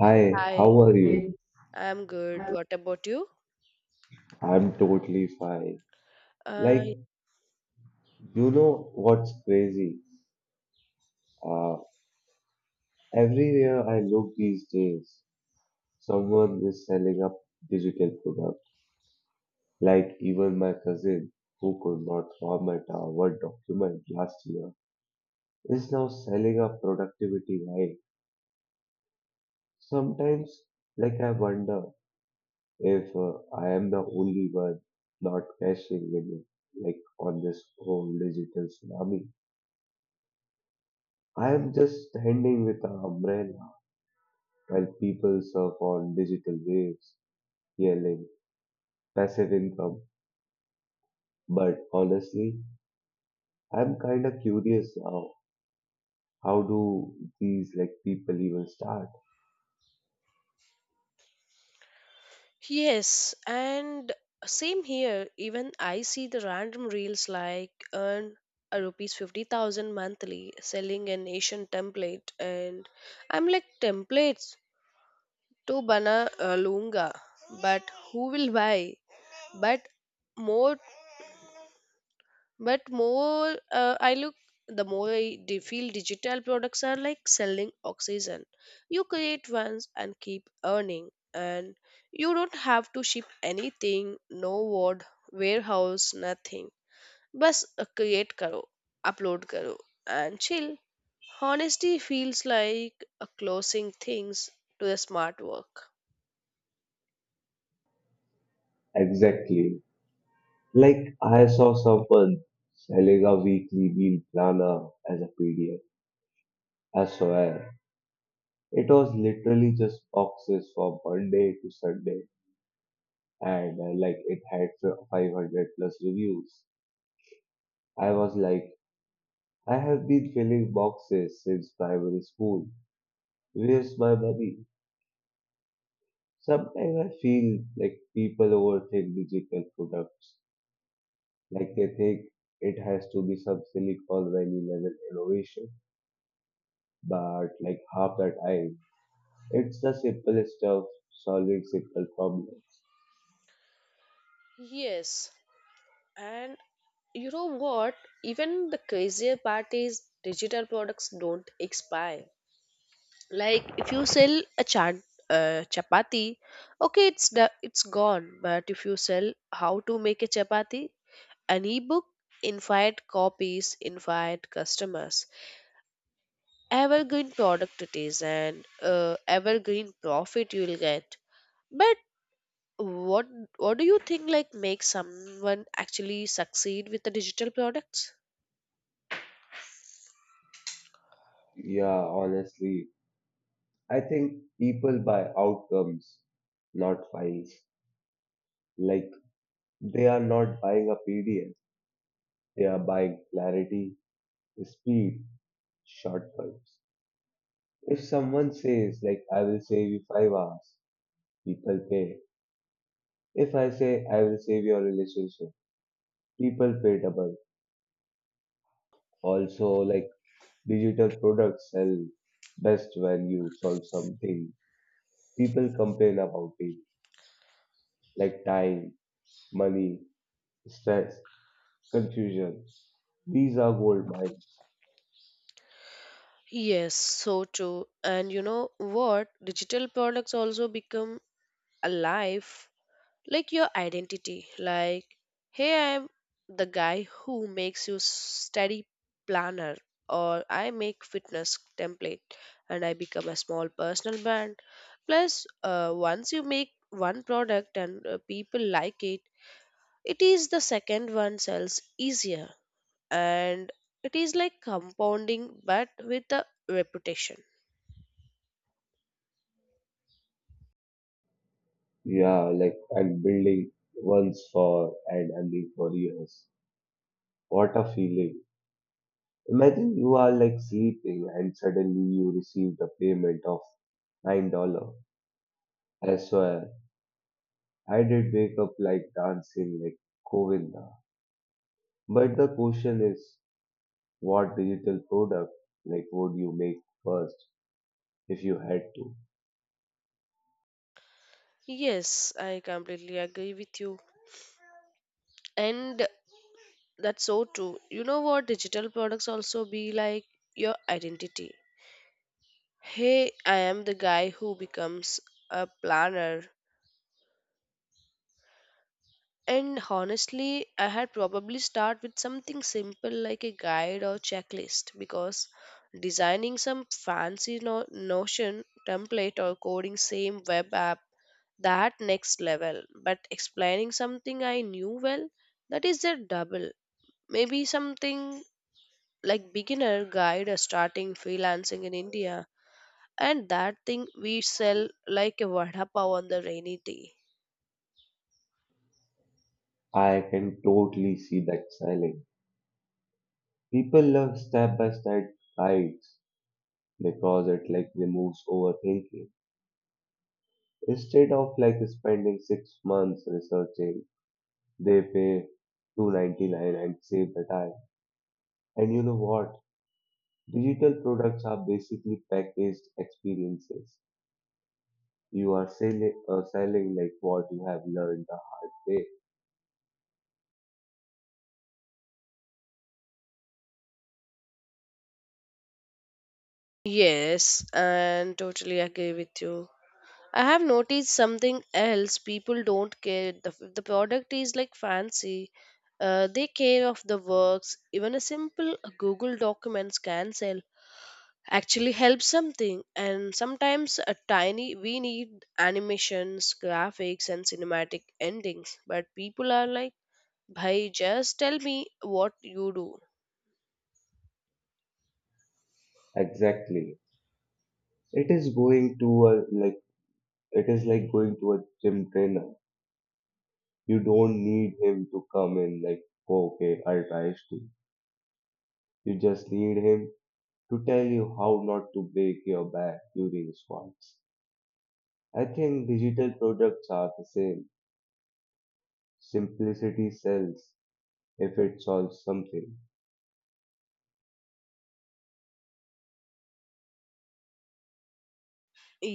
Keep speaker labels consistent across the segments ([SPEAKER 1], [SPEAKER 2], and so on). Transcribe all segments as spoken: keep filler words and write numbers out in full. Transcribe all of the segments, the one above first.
[SPEAKER 1] Hi,
[SPEAKER 2] Hi,
[SPEAKER 1] how are you? Hey.
[SPEAKER 2] I'm good. What about you?
[SPEAKER 1] I'm totally fine.
[SPEAKER 2] Uh,
[SPEAKER 1] Like, you know what's crazy? Uh, everywhere I look these days, someone is selling a digital product. Like, even my cousin, who could not format a Word document last year, is now selling a productivity guide. Sometimes, like, I wonder if uh, I am the only one not cashing in, like, on this whole digital tsunami. I'm just standing with an umbrella while people surf on digital waves, yelling passive income. But honestly, I'm kind of curious now. How do these like people even start?
[SPEAKER 2] yes, and same here. Even I see the random reels like earn a rupees fifty thousand monthly selling an Asian template, and I'm like, templates to bana uh, lunga, but who will buy? But more But more uh, I look, the more I d- feel digital products are like selling oxygen. You create once and keep earning, and you don't have to ship anything, no word, warehouse, nothing. Bus uh, create karo, upload karo, and chill. Honesty feels like uh, closing things to the smart work.
[SPEAKER 1] Exactly. Like I saw someone selling a weekly meal planner as a P D F. I swear, it was literally just boxes from Monday to Sunday, and uh, like it had five hundred plus reviews. I was like, I have been filling boxes since primary school. Where's my money? Sometimes I feel like people overthink digital products, like they think it has to be some Silicon Valley level innovation. But like half the time, it's the simplest stuff solving simple problems.
[SPEAKER 2] Yes, and you know what? Even the crazier part is digital products don't expire. Like if you sell a chan uh, chapati, okay, it's do- it's gone. But if you sell how to make a chapati, an ebook, infinite copies, infinite customers, evergreen product it is, and uh, evergreen profit you will get. But what what do you think like makes someone actually succeed with the digital products?
[SPEAKER 1] Yeah, honestly, I think people buy outcomes, not files. Like they are not buying a P D F, they are buying clarity. Speed, shortcuts. If someone says, like, I will save you five hours, people pay. If I say, I will save your relationship, people pay double. Also, like, digital products sell best when you solve something. People complain about it, like time, money, stress, confusion. These are gold mines.
[SPEAKER 2] Yes, so true. And you know what? Digital products also become alive, like your identity. Like, hey, I'm the guy who makes you study planner, or I make fitness template, and I become a small personal brand. Plus, uh, once you make one product and uh, people like it, it is the second one sells easier, and it is like compounding, but with a reputation.
[SPEAKER 1] Yeah, like, and building once for and ending for years. What a feeling. Imagine you are like sleeping and suddenly you received a payment of nine dollar. I swear, I did wake up like dancing like Govinda. But the question is, what digital product like would you make first if you had to?
[SPEAKER 2] Yes, I completely agree with you. And that's so true. You know what? Digital products also be like your identity. Hey, I am the guy who becomes a planner. And honestly, I had probably start with something simple like a guide or checklist because designing some fancy no- Notion template or coding same web app that next level. But explaining something I knew well, that is their double. Maybe something like beginner guide or starting freelancing in India, and that thing we sell like a vada pav on the rainy day.
[SPEAKER 1] I can totally see that selling. People love step-by-step guides because it like removes overthinking. Instead of like spending six months researching, they pay two ninety-nine and save the time. And you know what? Digital products are basically packaged experiences. You are selling, uh, selling like what you have learned the hard way.
[SPEAKER 2] Yes, and totally agree with you. I have noticed something else. People don't care the, if the product is like fancy. Uh, they care of the works. Even a simple Google Documents can sell. Actually, helps something. And sometimes a tiny we need animations, graphics, and cinematic endings. But people are like, "Bhai, just tell me what you do."
[SPEAKER 1] Exactly. It is going to a like it is like going to a gym trainer. You don't need him to come in like, "Oh, okay, I'll try to." You just need him to tell you how not to break your back during squats. I think digital products are the same. Simplicity sells if it solves something.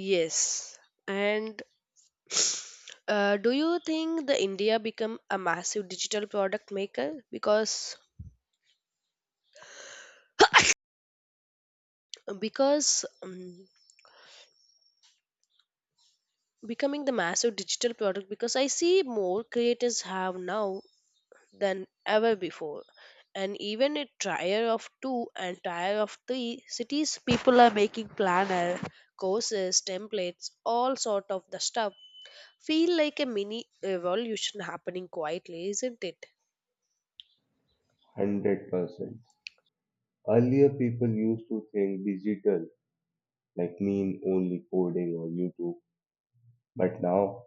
[SPEAKER 2] Yes, and Uh, do you think the India become a massive digital product maker because because um, becoming the massive digital product because I see more creators have now than ever before, and even a tier of two and tier of three cities people are making planner, courses, templates, all sort of the stuff. Feel like a mini revolution happening quietly, isn't it?
[SPEAKER 1] one hundred percent. Earlier, people used to think digital like mean only coding or YouTube. But now,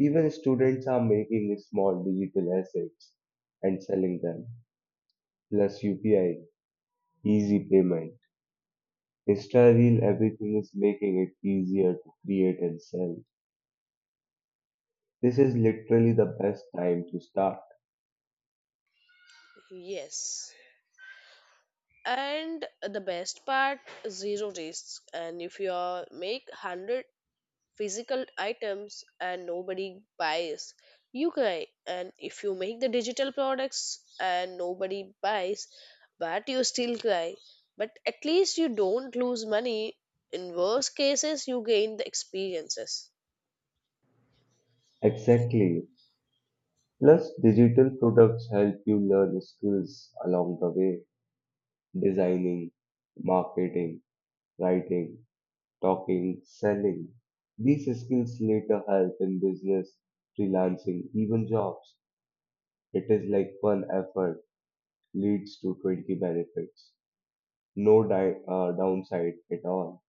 [SPEAKER 1] even students are making small digital assets and selling them. Plus U P I, easy payment. Insta Reel, everything is making it easier to create and sell. This is literally the best time to start.
[SPEAKER 2] Yes, and the best part, zero risk. And if you are make one hundred physical items and nobody buys, you cry. And if you make the digital products and nobody buys, but you still cry, but at least you don't lose money. In worst cases you gain the experiences.
[SPEAKER 1] Exactly. Plus, digital products help you learn skills along the way, designing, marketing, writing, talking, selling. These skills later help in business, freelancing, even jobs. It is like one effort leads to twenty benefits. No di- uh, downside at all.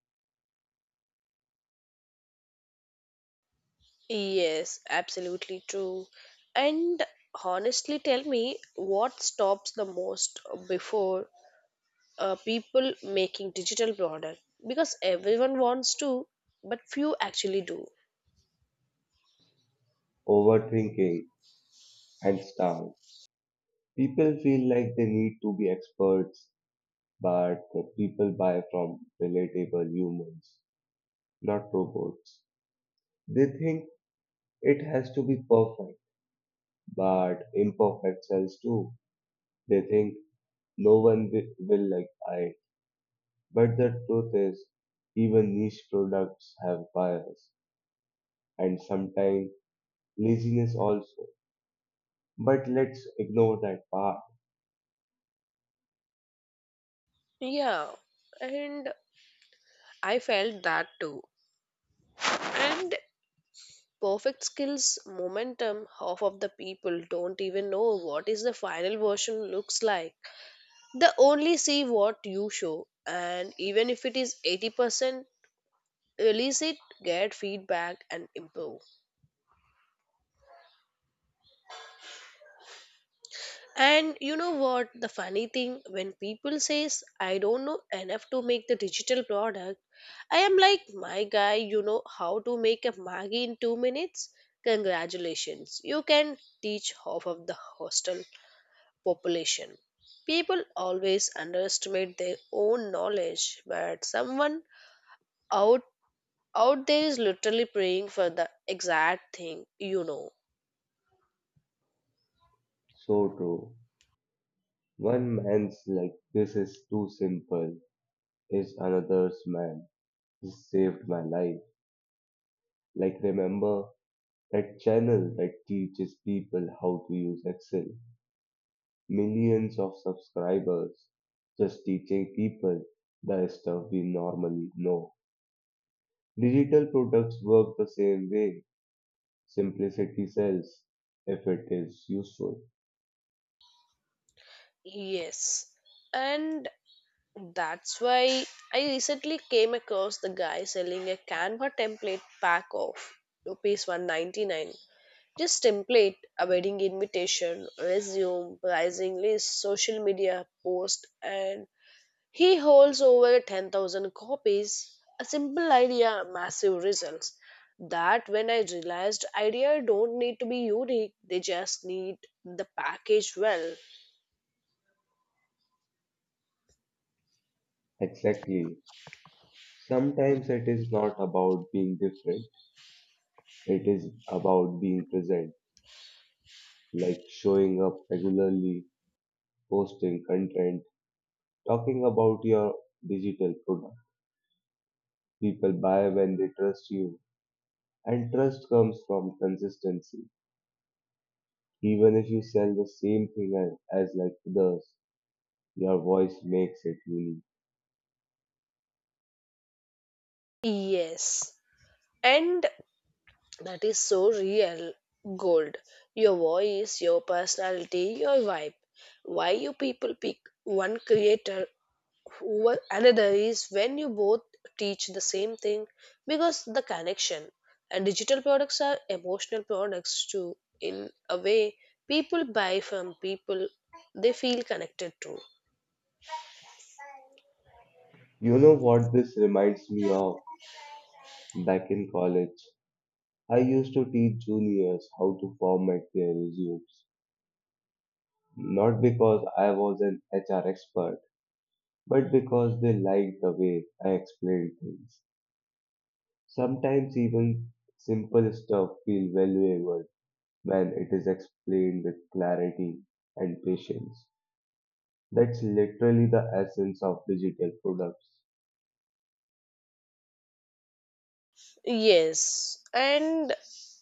[SPEAKER 2] Yes, absolutely true. And honestly tell me what stops the most before uh, people making digital product, because everyone wants to but few actually do.
[SPEAKER 1] Overthinking and style. People feel like they need to be experts, but people buy from relatable humans, not robots. They think it has to be perfect, but imperfect cells too. They think no one wi- will like it. But the truth is, even niche products have bias, and sometimes laziness also. But let's ignore that part.
[SPEAKER 2] Yeah, and I felt that too. And perfect skills momentum, half of the people don't even know what is the final version looks like. They only see what you show, and even if it is eighty percent, release it, get feedback and improve. And you know what? The funny thing, when people says I don't know enough to make the digital product, I am like, my guy, you know how to make a Maggie in two minutes? Congratulations, you can teach half of the hostel population. People always underestimate their own knowledge, but someone out out there is literally praying for the exact thing you know.
[SPEAKER 1] So true. One man's like, this is too simple, is another's man. This saved my life. Like, remember that channel that teaches people how to use Excel? Millions of subscribers, just teaching people the stuff we normally know. Digital products work the same way. Simplicity sells if it is useful.
[SPEAKER 2] Yes. And that's why I recently came across the guy selling a Canva template pack of rupees one ninety-nine. Just template a wedding invitation, resume, pricing list, social media post, and he holds over ten thousand copies. A simple idea, massive results. That when I realized idea don't need to be unique, they just need the package well.
[SPEAKER 1] Exactly. Sometimes it is not about being different, it is about being present, like showing up regularly, posting content, talking about your digital product. People buy when they trust you, and trust comes from consistency. Even if you sell the same thing a- as like others, your voice makes it unique.
[SPEAKER 2] Yes. And that is so real gold, your voice, your personality, your vibe. Why you people pick one creator over another is when you both teach the same thing, because the connection. And digital products are emotional products too, in a way. People buy from people they feel connected to.
[SPEAKER 1] You know what this reminds me of? Back in college, I used to teach juniors how to format their resumes. Not because I was an H R expert, but because they liked the way I explained things. Sometimes even simple stuff feels valuable when it is explained with clarity and patience. That's literally the essence of digital products.
[SPEAKER 2] Yes, and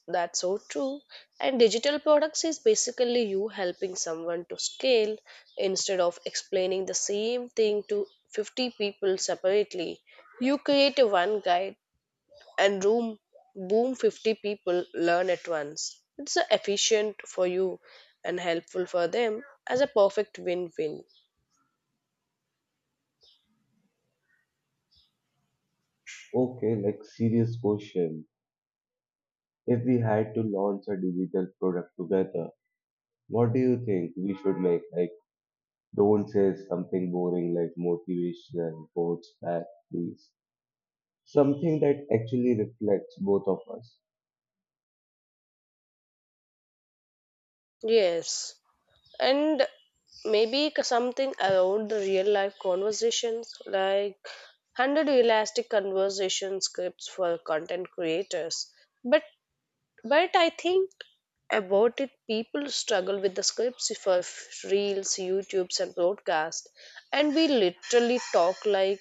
[SPEAKER 2] that's so true. And digital products is basically you helping someone to scale instead of explaining the same thing to fifty people separately. You create a one guide and room boom fifty people learn at once. It's uh, efficient for you and helpful for them as a perfect win-win.
[SPEAKER 1] Okay, like serious question. If we had to launch a digital product together, what do you think we should make? Like, don't say something boring like motivational quotes back, please. Something that actually reflects both of us.
[SPEAKER 2] Yes. And maybe c- something around the real life conversations, like one hundred realistic conversation scripts for content creators. But but I think about it, people struggle with the scripts for f- reels, youtubes and broadcast, and we literally talk like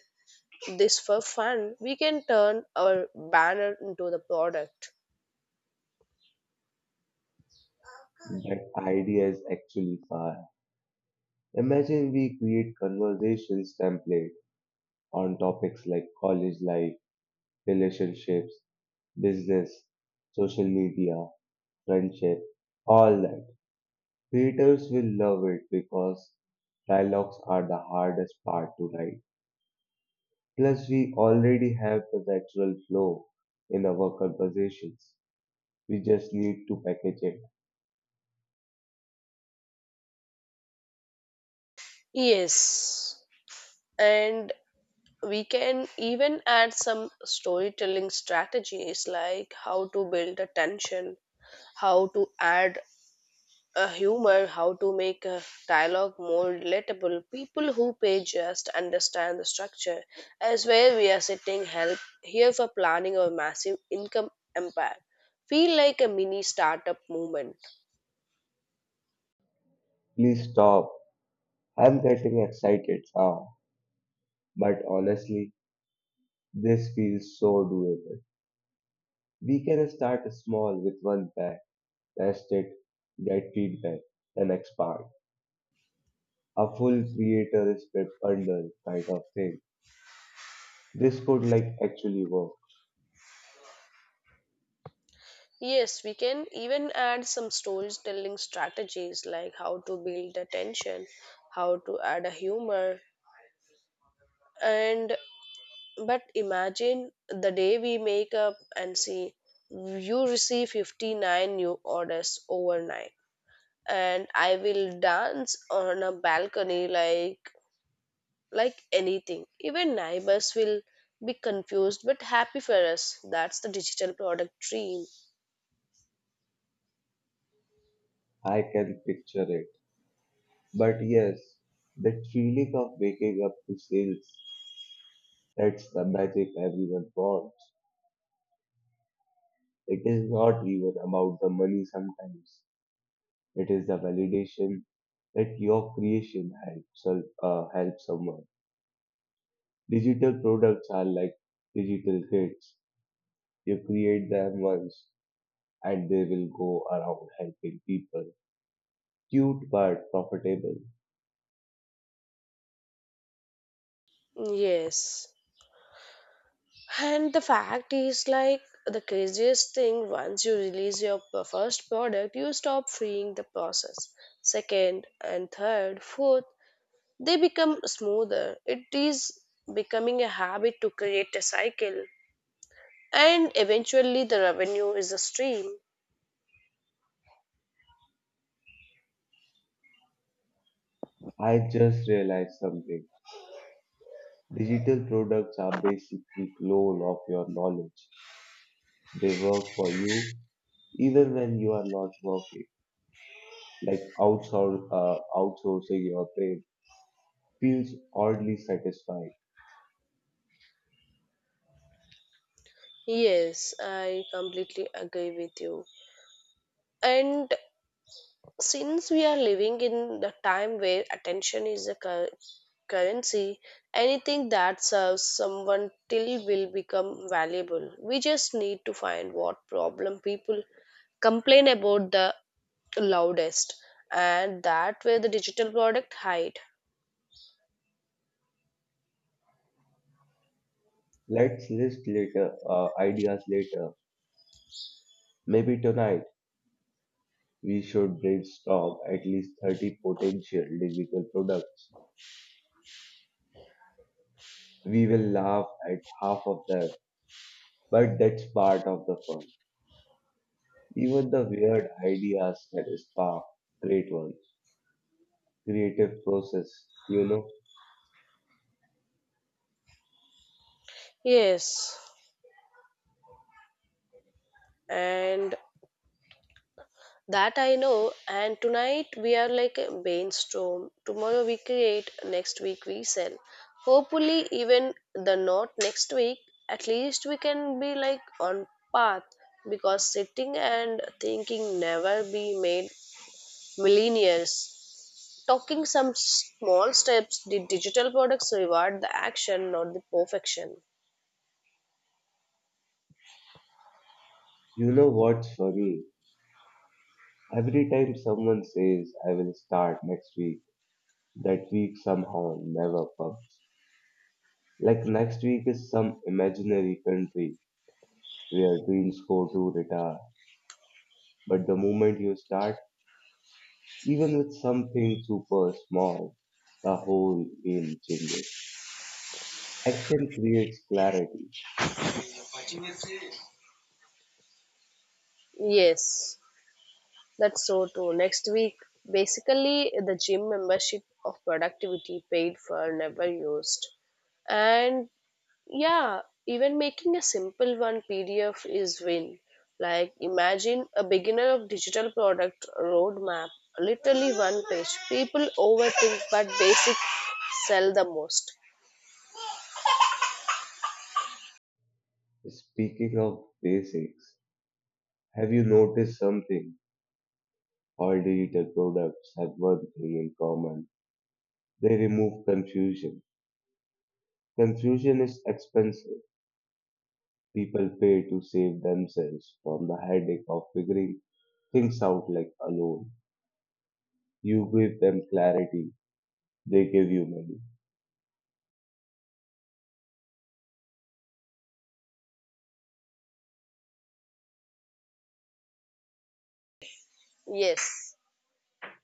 [SPEAKER 2] this for fun. We can turn our banner into the product.
[SPEAKER 1] That idea is actually fire. Imagine we create conversations template on topics like college life, relationships, business, social media, friendship, all that. Readers will love it because dialogues are the hardest part to write. Plus, we already have the natural flow in our conversations. We just need to package it.
[SPEAKER 2] Yes, and we can even add some storytelling strategies like how to build attention, how to add a humor, how to make a dialogue more relatable. People who pay just understand the structure as where we are sitting help here for planning our massive income empire. Feel like a mini startup movement.
[SPEAKER 1] Please stop. I'm getting excited now. But honestly, this feels so doable. We can start small with one pack, test it, get feedback, then expand. A full creator script bundle kind of thing. This could like actually work.
[SPEAKER 2] Yes, we can even add some storytelling strategies like how to build attention, how to add a humor. And but imagine the day we make up and see you receive fifty-nine new orders overnight, and I will dance on a balcony like like anything. Even neighbors will be confused but happy for us. That's the digital product dream.
[SPEAKER 1] I can picture it. But yes, that feeling of waking up to sales, that's the magic everyone wants. It is not even about the money sometimes. It is the validation that your creation helps, sol- uh, helps someone. Digital products are like digital kids. You create them once and they will go around helping people. Cute but profitable.
[SPEAKER 2] Yes. And the fact is, like, the craziest thing once you release your p- first product, you stop freeing the process. Second and third, fourth, they become smoother. It is becoming a habit to create a cycle, and eventually, the revenue is a stream.
[SPEAKER 1] I just realized something. Digital products are basically clone of your knowledge. They work for you even when you are not working. Like outsour uh, outsourcing your brain feels oddly satisfying.
[SPEAKER 2] Yes, I completely agree with you. And since we are living in the time where attention is a cur- currency, anything that serves someone till will become valuable. We just need to find what problem people complain about the loudest, and that where the digital product hide.
[SPEAKER 1] Let's list later uh, ideas later. Maybe tonight we should brainstorm at least thirty potential digital products. We will laugh at half of them, but that's part of the fun. Even the weird ideas can spark great ones. Creative process. You know,
[SPEAKER 2] Yes, and that I know. And tonight we are like a brainstorm. Tomorrow we create, next week we sell. Hopefully, even the not next week, at least we can be like on path, because sitting and thinking never be made millionaires. Talking some small steps, the digital products reward the action, not the perfection.
[SPEAKER 1] you know what's funny? Every time someone says, I will start next week, that week somehow never comes. Like next week is some imaginary country where dreams go to retire. But the moment you start, even with something super small, the whole game changes. Action creates clarity.
[SPEAKER 2] Yes. That's so true. Next week, basically, the gym membership of productivity paid for, never used. And yeah, even making a simple one P D F is win. Like imagine a beginner of digital product roadmap, literally one page. People overthink, but basic sell the most.
[SPEAKER 1] Speaking of basics, have you noticed something? All digital products have one thing in common. They remove confusion. Confusion is expensive. People pay to save themselves from the headache of figuring things out like alone. You give them clarity, they give you money.
[SPEAKER 2] Yes,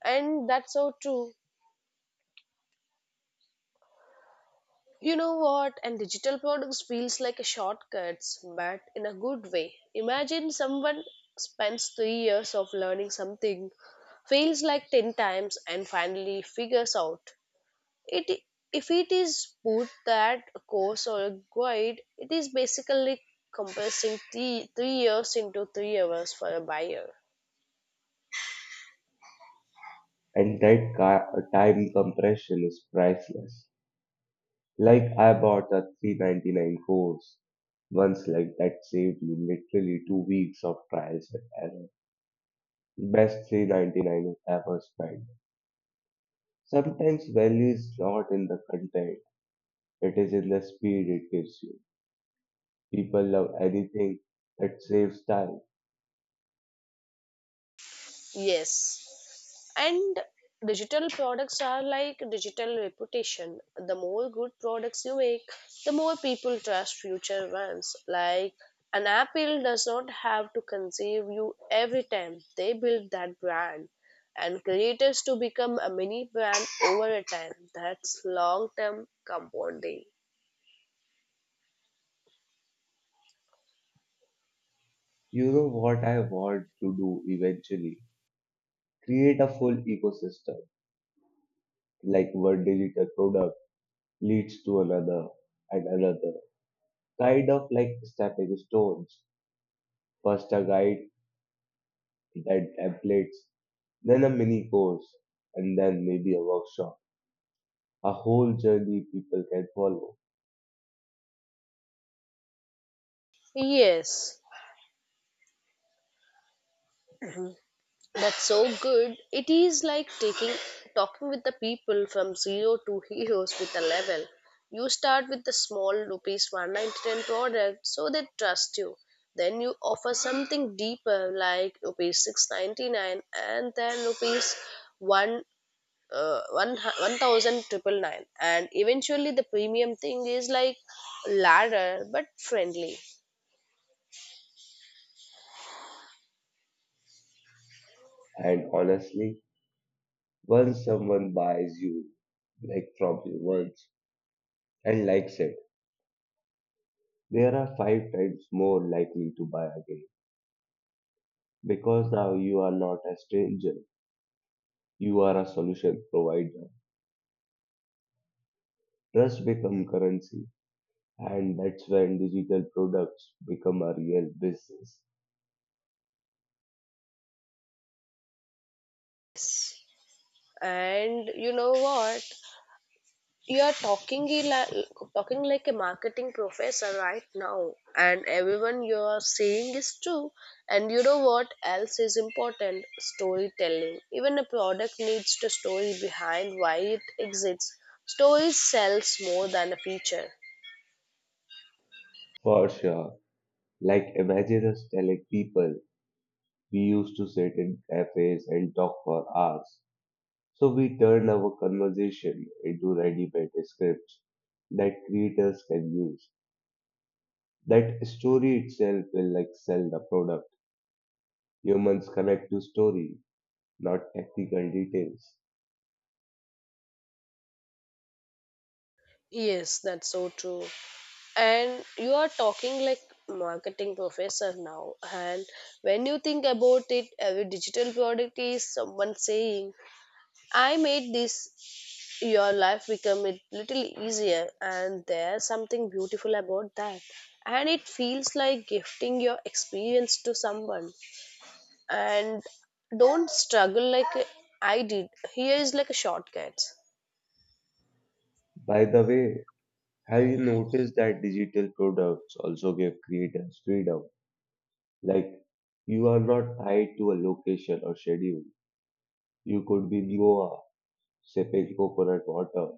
[SPEAKER 2] and that's so true. You know what? And digital products feels like a shortcuts, but in a good way. Imagine someone spends three years of learning something, fails like ten times, and finally figures out it. If it is put that a course or a guide, it is basically compressing three, three years into three hours for a buyer.
[SPEAKER 1] And that ca- time compression is priceless. Like I bought a three ninety-nine course once like that saved me literally two weeks of trials and error. Best three ninety-nine ever spent. Sometimes value is not in the content. It is in the speed it gives you. People love anything that saves time.
[SPEAKER 2] Yes. And digital products are like digital reputation. The more good products you make, the more people trust future ones. Like an Apple does not have to conceive you every time they build that brand. And creators to become a mini brand over a time. That's long term compounding.
[SPEAKER 1] You know what I want to do eventually? Create a full ecosystem, like one digital product leads to another and another, kind of like stepping stones. First a guide, then templates, then a mini course, and then maybe a workshop. A whole journey people can follow.
[SPEAKER 2] Yes. That's so good. It is like taking talking with the people from zero to heroes with a level. You start with the small rupees one ninety-nine product so they trust you. Then you offer something deeper like rupees six ninety-nine, and then rupees one uh, one thousand triple nine, and eventually the premium thing is like ladder but friendly.
[SPEAKER 1] And honestly, once someone buys you, like from you once. And like said, there are five times more likely to buy again because now you are not a stranger, you are a solution provider. Trust become currency, and that's when digital products become a real business.
[SPEAKER 2] And you know what, You're talking a li- talking like a marketing professor right now, and everyone you're saying is true. And you know what else is important? Storytelling. Even a product needs the story behind why it exists. Stories sells more than a feature.
[SPEAKER 1] For sure, like imagine us telling people we used to sit in cafes and talk for hours. So we turn our conversation into ready-made scripts that creators can use. That story itself will like sell the product. Humans connect to story, not technical details.
[SPEAKER 2] Yes, that's so true. And you are talking like marketing professor now. And when you think about it, every digital product is someone saying, I made this your life become a little easier, and there's something beautiful about that. And it feels like gifting your experience to someone, and don't struggle like I did. Here is like a shortcut.
[SPEAKER 1] By the way, have you noticed that digital products also give creators freedom? Like, you are not tied to a location or schedule. You could be in Goa, sipping coconut water,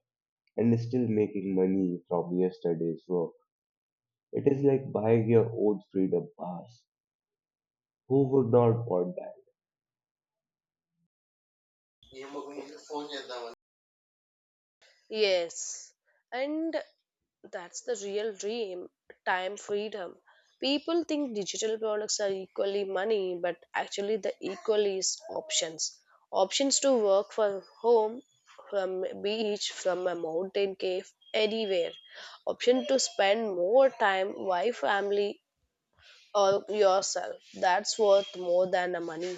[SPEAKER 1] and still making money from yesterday's work. It is like buying your own freedom pass. Who would not want that?
[SPEAKER 2] Yes, and that's the real dream, time freedom. People think digital products are equally money, but actually, the equal is options. Options to work from home, from beach, from a mountain cave, anywhere. Option to spend more time with family or yourself. That's worth more than the money.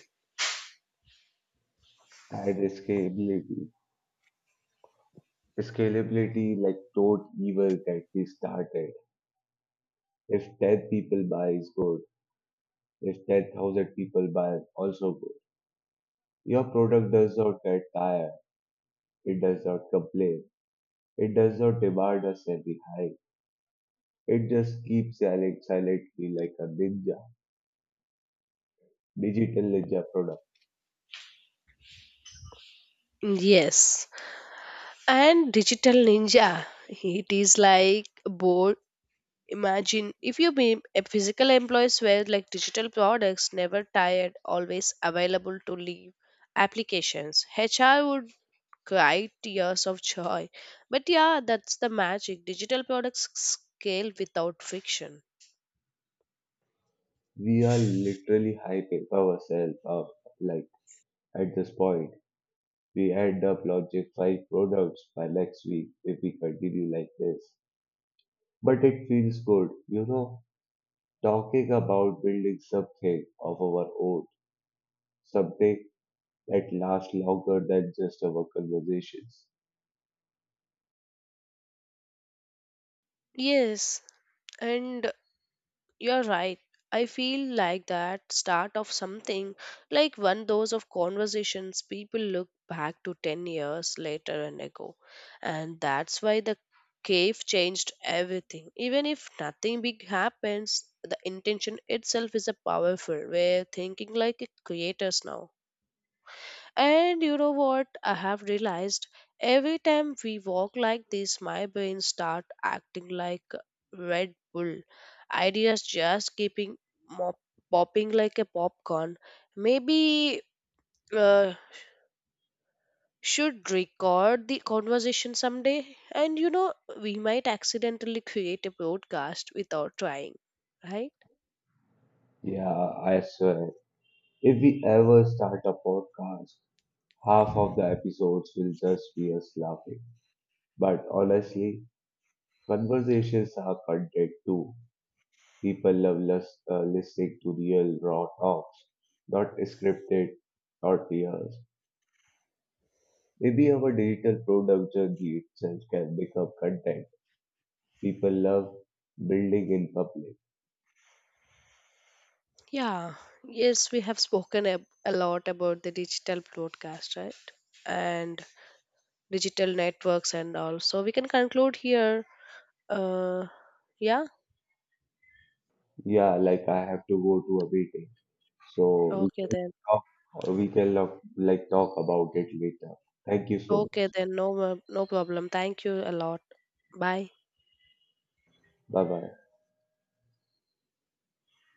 [SPEAKER 1] And scalability. Scalability, like, don't even get me started. If ten people buy is good. If ten thousand people buy, also good. Your product does not get tired. It does not complain. It does not demand a semi high. It just keeps selling silently like a ninja, digital ninja product.
[SPEAKER 2] Yes. And digital ninja. It is like board. Imagine if you be a physical employees were like digital products, never tired, always available to leave applications. H R would cry tears of joy. But yeah, that's the magic. Digital products scale without friction.
[SPEAKER 1] We are literally hyping ourselves up. Like at this point, we end up launching five products by next week if we continue like this. But it feels good, you know, talking about building something of our own, something that lasts longer than just our conversations.
[SPEAKER 2] Yes, and you're right. I feel like that start of something, like one those of conversations people look back to ten years later and ago. And that's why the cave changed everything. Even if nothing big happens, the intention itself is a powerful. We're thinking like creators now. And you know what? I have realized every time we walk like this, my brain start acting like Red Bull. Ideas just keeping mop- popping like a popcorn. Maybe uh, should record the conversation someday. And you know, we might accidentally create a broadcast without trying, right?
[SPEAKER 1] Yeah, I swear. If we ever start a podcast, half of the episodes will just be us laughing. But honestly, conversations are content too. People love lis- uh, listening to real raw talks, not scripted, not rehearsed. Maybe our digital product journey itself can become content. People love building in public.
[SPEAKER 2] Yeah. Yes, we have spoken a, a lot about the digital broadcast, right? And digital networks and all. So we can conclude here. Uh, yeah.
[SPEAKER 1] Yeah, like I have to go to a meeting. So we
[SPEAKER 2] Okay
[SPEAKER 1] can
[SPEAKER 2] then.
[SPEAKER 1] talk, we can lo- like talk about it later. Thank you so much.
[SPEAKER 2] Okay then. No, mo- no problem. Thank you a lot. Bye.
[SPEAKER 1] Bye bye.